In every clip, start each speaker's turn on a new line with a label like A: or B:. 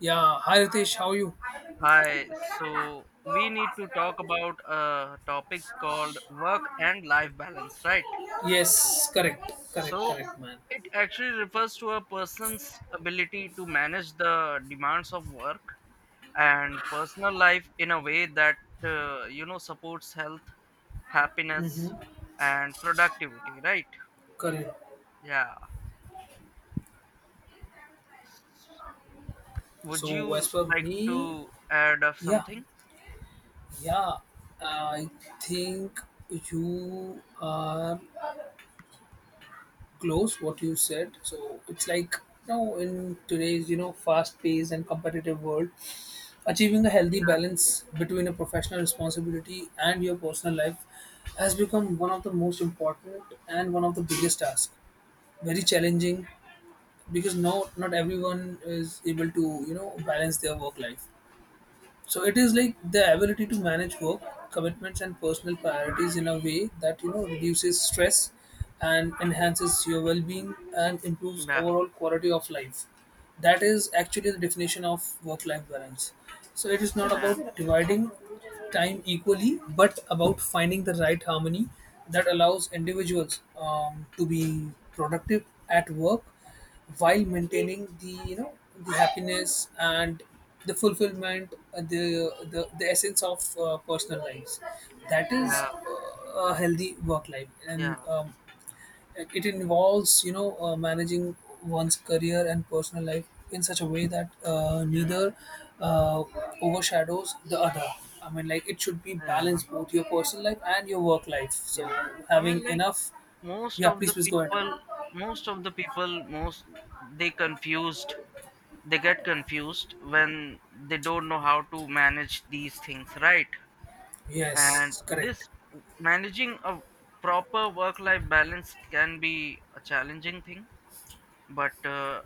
A: Yeah, hi Ritesh, how are you?
B: Hi, so we need to talk about a topic called work and life balance, right?
A: Yes, correct, correct,
B: So
A: correct, man.
B: it actually refers to a person's ability to manage the demands of work and personal life in a way that supports health, happiness,
A: Mm-hmm.
B: and productivity, right?
A: Correct.
B: Yeah. Would
A: So as
B: you
A: for
B: like
A: me,
B: to add up
A: yeah,
B: something?
A: yeah, I think you are close what you said. So it's like now in today's fast paced and competitive world, achieving a healthy balance between a professional responsibility and your personal life has become one of the most important and one of the biggest tasks. Very challenging, because not everyone is able to balance their work life. So it is like the ability to manage work commitments and personal priorities in a way that reduces stress and enhances your well-being and improves
B: Yeah,
A: overall quality of life. That is actually the definition of work-life balance. So it is not
B: yeah,
A: about dividing time equally but about finding the right harmony that allows individuals to be productive at work while maintaining the the happiness and the fulfillment, the essence of personal lives. That is
B: yeah,
A: a healthy work life and
B: yeah,
A: like, it involves, managing one's career and personal life in such a way that
B: yeah,
A: neither uh, overshadows the other. I mean, like it should be
B: yeah, yeah.
A: balanced, both your personal life and your work life. So
B: Yeah, I
A: having
B: mean, like
A: enough,
B: most
A: yeah.
B: of
A: Please,
B: the
A: please go ahead.
B: people, most of the people, most they confused, they get confused when they don't know how to manage these things, right? And
A: Yes, correct.
B: this managing a proper work-life balance can be a challenging thing, but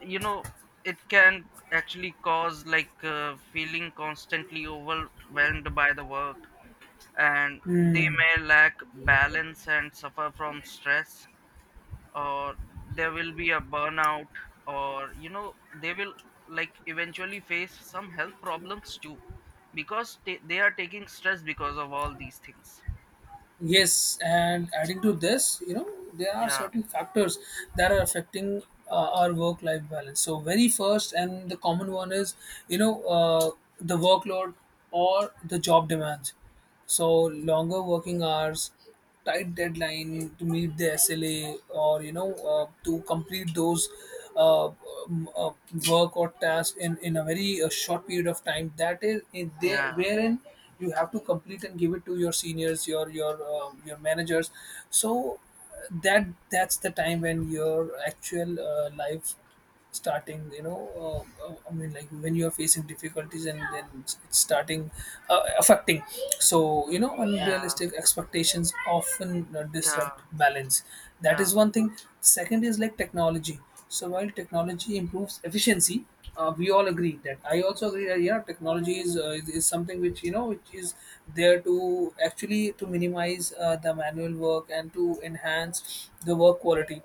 B: you know, it can actually cause feeling constantly overwhelmed by the work, and they
A: Hmm.
B: may lack balance and suffer from stress, or there will be a burnout, or they will like eventually face some health problems too because they are taking stress because of all these things.
A: Yes, and adding to this, you know, there are
B: Yeah,
A: certain factors that are affecting uh, our work life balance. So, very first and the common one is, you know, uh, the workload or the job demands. So, longer working hours, tight deadline to meet the SLA, or to complete those uh, um, uh, work or task in a very short period of time, that is in there
B: yeah,
A: wherein you have to complete and give it to your seniors, your managers. So that's the time when your actual life starting, you know, I mean like when you are facing difficulties, and then it's starting affecting. So you know,
B: yeah,
A: unrealistic expectations often
B: yeah,
A: disrupt balance. That
B: yeah,
A: is one thing. Second is like technology. So while technology improves efficiency, we all agree that, I also agree that, yeah, technology is, is something which you know which is there to actually to minimize the manual work and to enhance the work quality,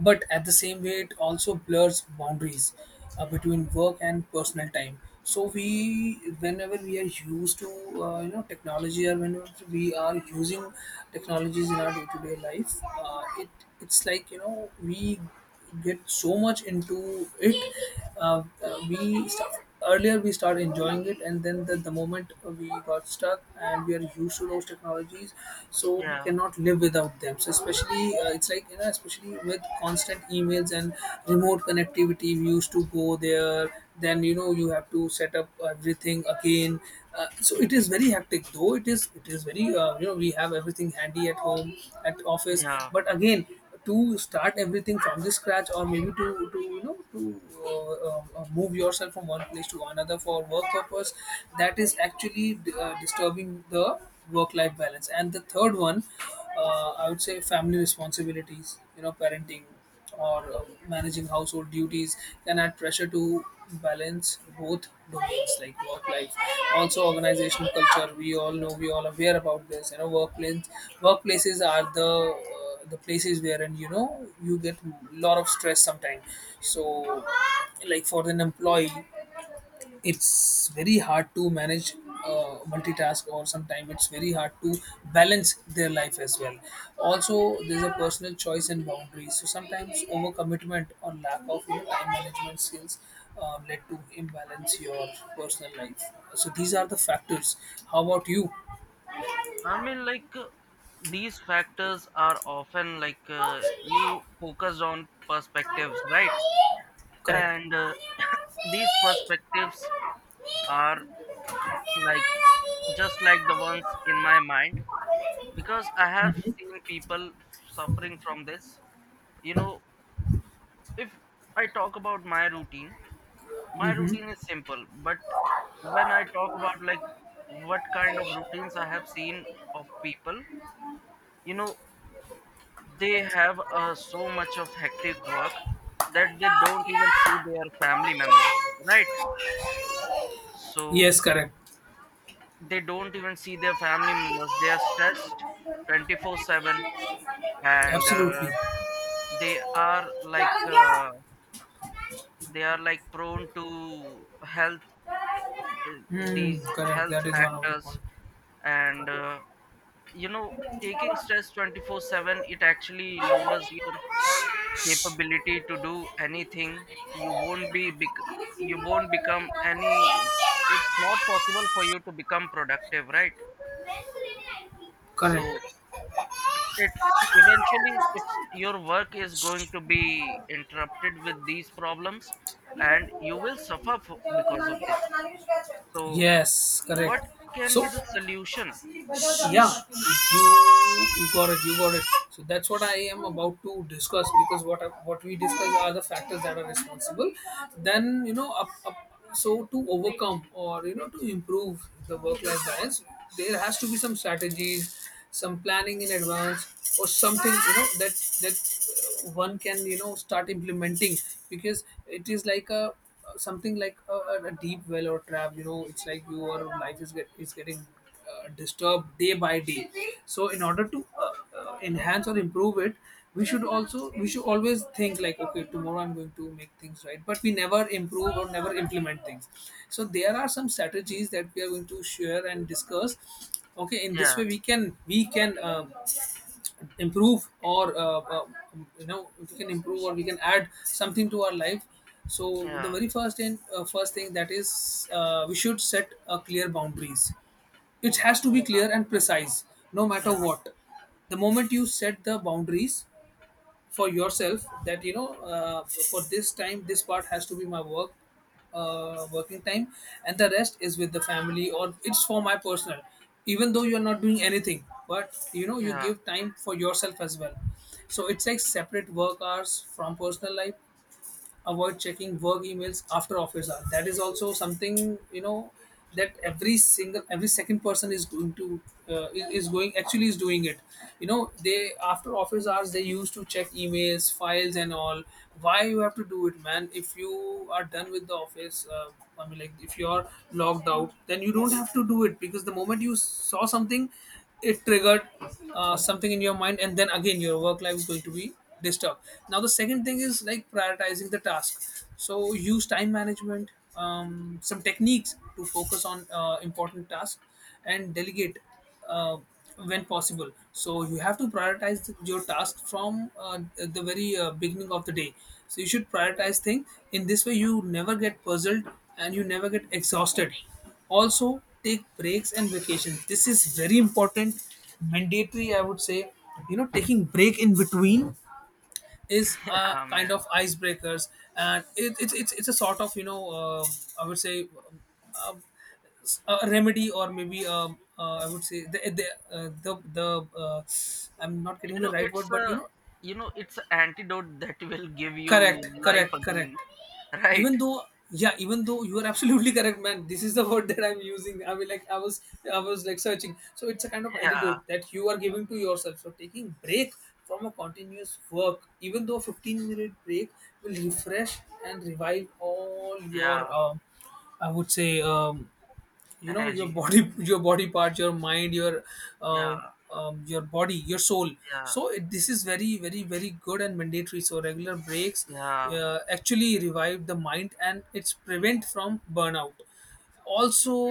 A: but at the same way it also blurs boundaries between work and personal time. So we, whenever we are used to you know technology, or whenever we are using technologies in our day-to-day life, it, it's like you know we get so much into it. We start, earlier we start enjoying it, and then the moment we got stuck and we are used to those technologies, so we
B: yeah,
A: cannot live without them. So especially it's like you know, especially with constant emails and remote connectivity, we used to go there. Then you know you have to set up everything again. So it is very hectic, though it is, it is very you know, we have everything handy at home, at office,
B: yeah.
A: but again, to start everything from the scratch, or maybe to you know to move yourself from one place to another for work purpose, that is actually disturbing the work life balance. And the third one, I would say family responsibilities, you know, parenting or managing household duties can add pressure to balance both domains, like work life. Also organizational culture, we all know, we all aware about this, you know, workplace, workplaces are the places wherein you know you get a lot of stress sometimes. So like for an employee, it's very hard to manage multitask, or sometimes it's very hard to balance their life as well. Also there's a personal choice and boundaries. So sometimes overcommitment or lack of you know, time management skills led to imbalance your personal life. So these are the factors. How about you?
B: i mean like uh, these factors are often you focus on perspectives, right?
A: Correct.
B: and these perspectives are like just like the ones in my mind because I have
A: Mhm.
B: seen people suffering from this. You know, if I talk about my routine, my
A: Mm-hmm.
B: routine is simple. But when I talk about like what kind of routines I have seen of people, you know, they have so much of hectic work that they don't even see their family members, right? So
A: Yes, correct.
B: they don't even see their family members. They are stressed 24/7, and
A: Absolutely.
B: they are like uh, they are like prone to health, uh,
A: Hmm.
B: these
A: Correct.
B: health
A: That is one of the points.
B: factors. And taking stress 24/7, it actually lowers your capability to do anything. you won't be bec- you won't become any, it's not possible for you to become productive, right?
A: Correct.
B: So it eventually it's your work is going to be interrupted with these problems, and you will suffer because of this. So
A: Yes, correct.
B: what can
A: So
B: be the solution?
A: yeah, you, you got it, you got it. So that's what I am about to discuss, because what I- what we discuss are the factors that are responsible. Then you know, up, up so to overcome or you know to improve the work life balance, there has to be some strategies, some planning in advance, or something you know, that one can you know start implementing, because it is like a something like a deep well or trap, you know, it's like your life is get is getting disturbed day by day. So in order to enhance or improve it, we should also, we should always think like, okay, tomorrow I'm going to make things right, but we never improve or never implement things. So there are some strategies that we are going to share and discuss. Okay, in this way
B: Yeah,
A: we can, we can improve or you know, we can improve or we can add something to our life. So the
B: yeah,
A: very first and first thing that is, we should set a clear boundaries. It has to be
B: yeah,
A: clear and precise, no matter
B: yeah,
A: what. The moment you set the boundaries for yourself, that you know, for this time, this part has to be my work, working time, and the rest is with the family or it's for my personal. Even though you're not doing anything, but you know, you
B: yeah,
A: give time for yourself as well. So it's like separate work hours from personal life, avoid checking work emails after office hours. That is also something you know, that every second person is going to is going actually is doing it. You know, they after office hours they used to check emails, files and all. Why you have to do it, man? If you are done with the office, I mean like, if you're logged out, then you don't have to do it. Because the moment you saw something, it triggered something in your mind, and then again your work life is going to be disturbed. Now the second thing is like prioritizing the task. So use time management, some techniques to focus on important tasks and delegate uh, when possible. So you have to prioritize your task from the very beginning of the day. So you should prioritize things. In this way you never get puzzled and you never get exhausted. Also take breaks and vacations, this is very important, mandatory I would say. You know, taking break in between is a
B: yeah,
A: kind
B: man.
A: of icebreakers, and it, it's a sort of you know, I would say, um, a remedy, or maybe I would say uh, the, the uh, I'm not getting
B: You
A: the
B: know,
A: right
B: it's
A: word, but you
B: a,
A: know.
B: you know, it's an antidote that will give you
A: Correct, correct,
B: life
A: correct.
B: again, right?
A: Even though, yeah, even though you are absolutely correct, man. This is the word that I'm using. I mean like I was, I was searching. So it's a kind of
B: Yeah,
A: antidote that you are giving to yourself. So taking break from a continuous work, even though a 15-minute break will refresh and revive all
B: yeah,
A: your I would say, you know, your
B: energy.
A: body your body parts, your mind, uh,
B: Yeah,
A: your body, your soul.
B: yeah,
A: So it, this is very very very good and mandatory. So regular breaks
B: yeah,
A: actually revive the mind and it's prevent from burnout.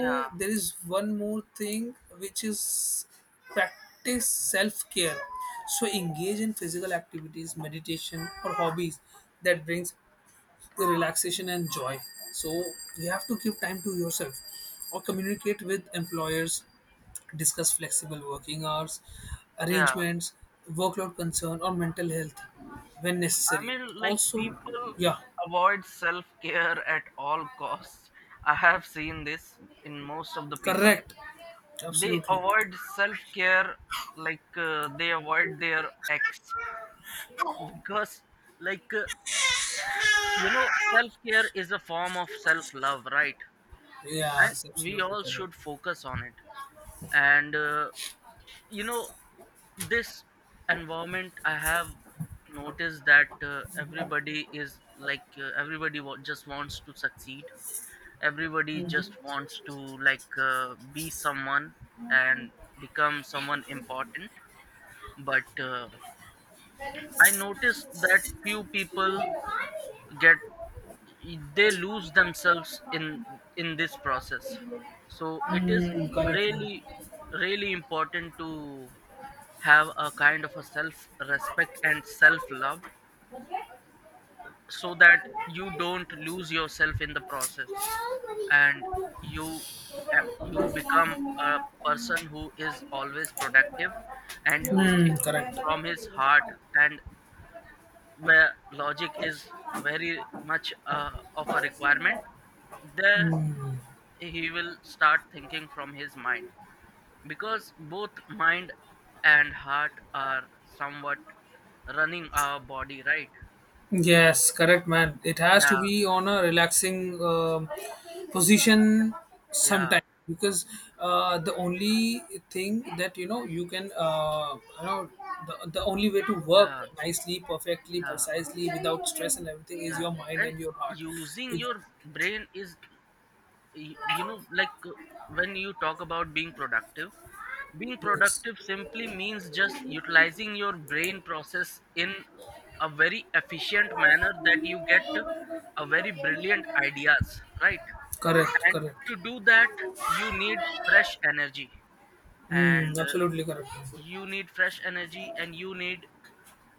B: yeah,
A: there is one more thing which is practice self-care. So engage in physical activities, meditation, or hobbies that brings the relaxation and joy. So you have to give time to yourself, or communicate with employers, discuss flexible working hours
B: yeah.
A: arrangements, workload concern, or mental health when
B: I
A: necessary.
B: mean, like
A: Also,
B: people
A: yeah.
B: avoid self-care at all costs. I have seen this in most of the people.
A: Correct.
B: They
A: Absolutely.
B: avoid self-care, they avoid their ex because like uh, you know self-care is a form of self-love, right? And
A: Yes,
B: we
A: absolutely
B: all
A: correct.
B: should focus on it. And you know this environment, I have noticed that everybody is everybody just wants to succeed. Everybody just wants to be someone and become someone important. But I noticed that few people get, they lose themselves in this process. So it
A: Mm.
B: is
A: Mm, correct.
B: really really important to have a kind of a self respect and self love, so that you don't lose yourself in the process. And you, you
A: Hmm,
B: become a person who is always productive and who thinks
A: correct.
B: from his heart. And where logic is very much of a requirement, there
A: Hmm.
B: he will start thinking from his mind, because both mind and heart are somewhat running our body, right?
A: Yes, correct, man. It has to
B: Yeah,
A: be on a relaxing, position
B: yeah,
A: sometime, because the only thing that you know you can you know, the only way to work
B: yeah,
A: nicely, perfectly,
B: yeah,
A: precisely, without stress and everything is
B: yeah.
A: your mind
B: And
A: and your heart.
B: using
A: If.
B: your brain is, y- you know like uh, when you talk about being productive, being
A: Yes.
B: productive simply means just utilizing your brain process in a very efficient manner, that you get a very brilliant ideas, right?
A: Correct.
B: And
A: Correct.
B: to do that you need fresh energy.
A: Hmm.
B: And
A: Absolutely correct.
B: you need fresh energy and you need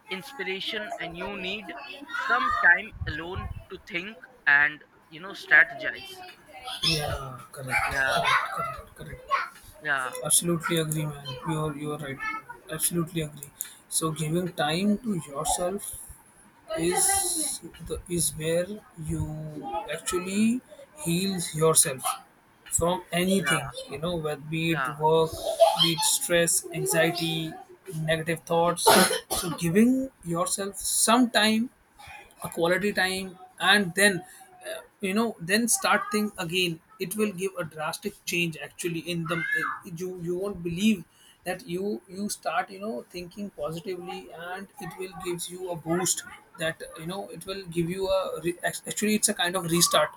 B: inspiration, and you need some time alone to think and you know strategize.
A: Yeah, correct,
B: Yeah,
A: correct, correct, correct.
B: yeah,
A: Absolutely agree, man. You're right. Absolutely agree. So giving time to yourself is the is where you actually heals yourself from
B: yeah,
A: anything. You know, whether be it
B: yeah,
A: work, be it stress, anxiety, negative thoughts. So giving yourself some time, a quality time, and then you know, then start thing again, it will give a drastic change actually in the you, you won't believe that you start you know thinking positively, and it will gives you a boost that you know it will give you a actually it's a kind of restart.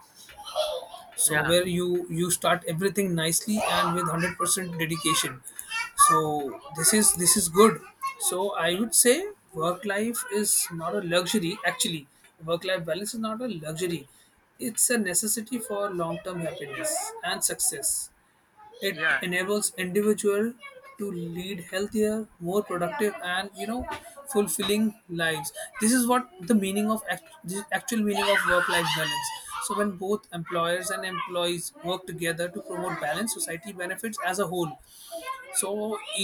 A: So
B: yeah,
A: where you start everything nicely and with 100% dedication. So this is, this is good. So I would say work life is not a luxury actually, work life balance is not a luxury. It's a necessity for long term happiness and success. It
B: yeah,
A: enables individual to lead healthier, more productive, and you know, fulfilling lives. This is what the meaning of the actual meaning of work-life balance. So when both employers and employees work together to promote balance, society benefits as a whole. So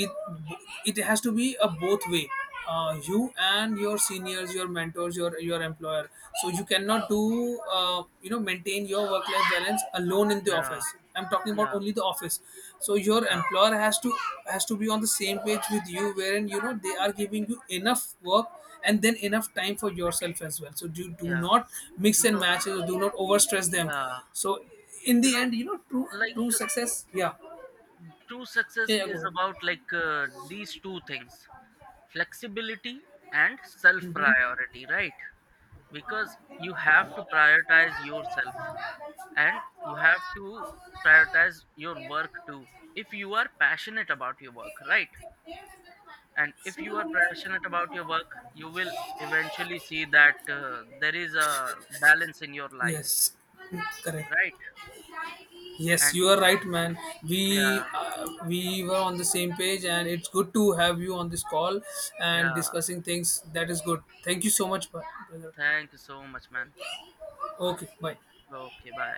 A: it has to be a both way. You and your seniors, your mentors, your employer. So you cannot do you know, maintain your work life balance alone in the
B: yeah,
A: office, I'm talking about
B: yeah,
A: only the office. So your
B: yeah,
A: employer has to, has to be on the same page with you, wherein you know they are giving you enough work and then enough time for yourself as well. So do, do
B: yeah,
A: not mix
B: you
A: and
B: know.
A: match it. Or do not overstress them.
B: Yeah,
A: So in
B: you
A: the
B: know,
A: end, you know, true,
B: like
A: true
B: uh,
A: success. Yeah,
B: true success
A: yeah, yeah
B: is
A: go
B: about these two things: flexibility and self
A: ahead.
B: priority, right? Because you have to prioritize yourself, and you have to prioritize your work too, if you are passionate about your work, right? And if you are passionate about your work,
A: Hmm.
B: you will eventually see that there is a balance in your life,
A: Yes, correct.
B: right?
A: Yes,
B: And
A: you are right, man.
B: yeah,
A: We were on the same page, and it's good to have you on this call and
B: yeah,
A: discussing things. That is good. Thank you so much, brother.
B: thank you so much, man.
A: Okay, bye.
B: Okay, bye.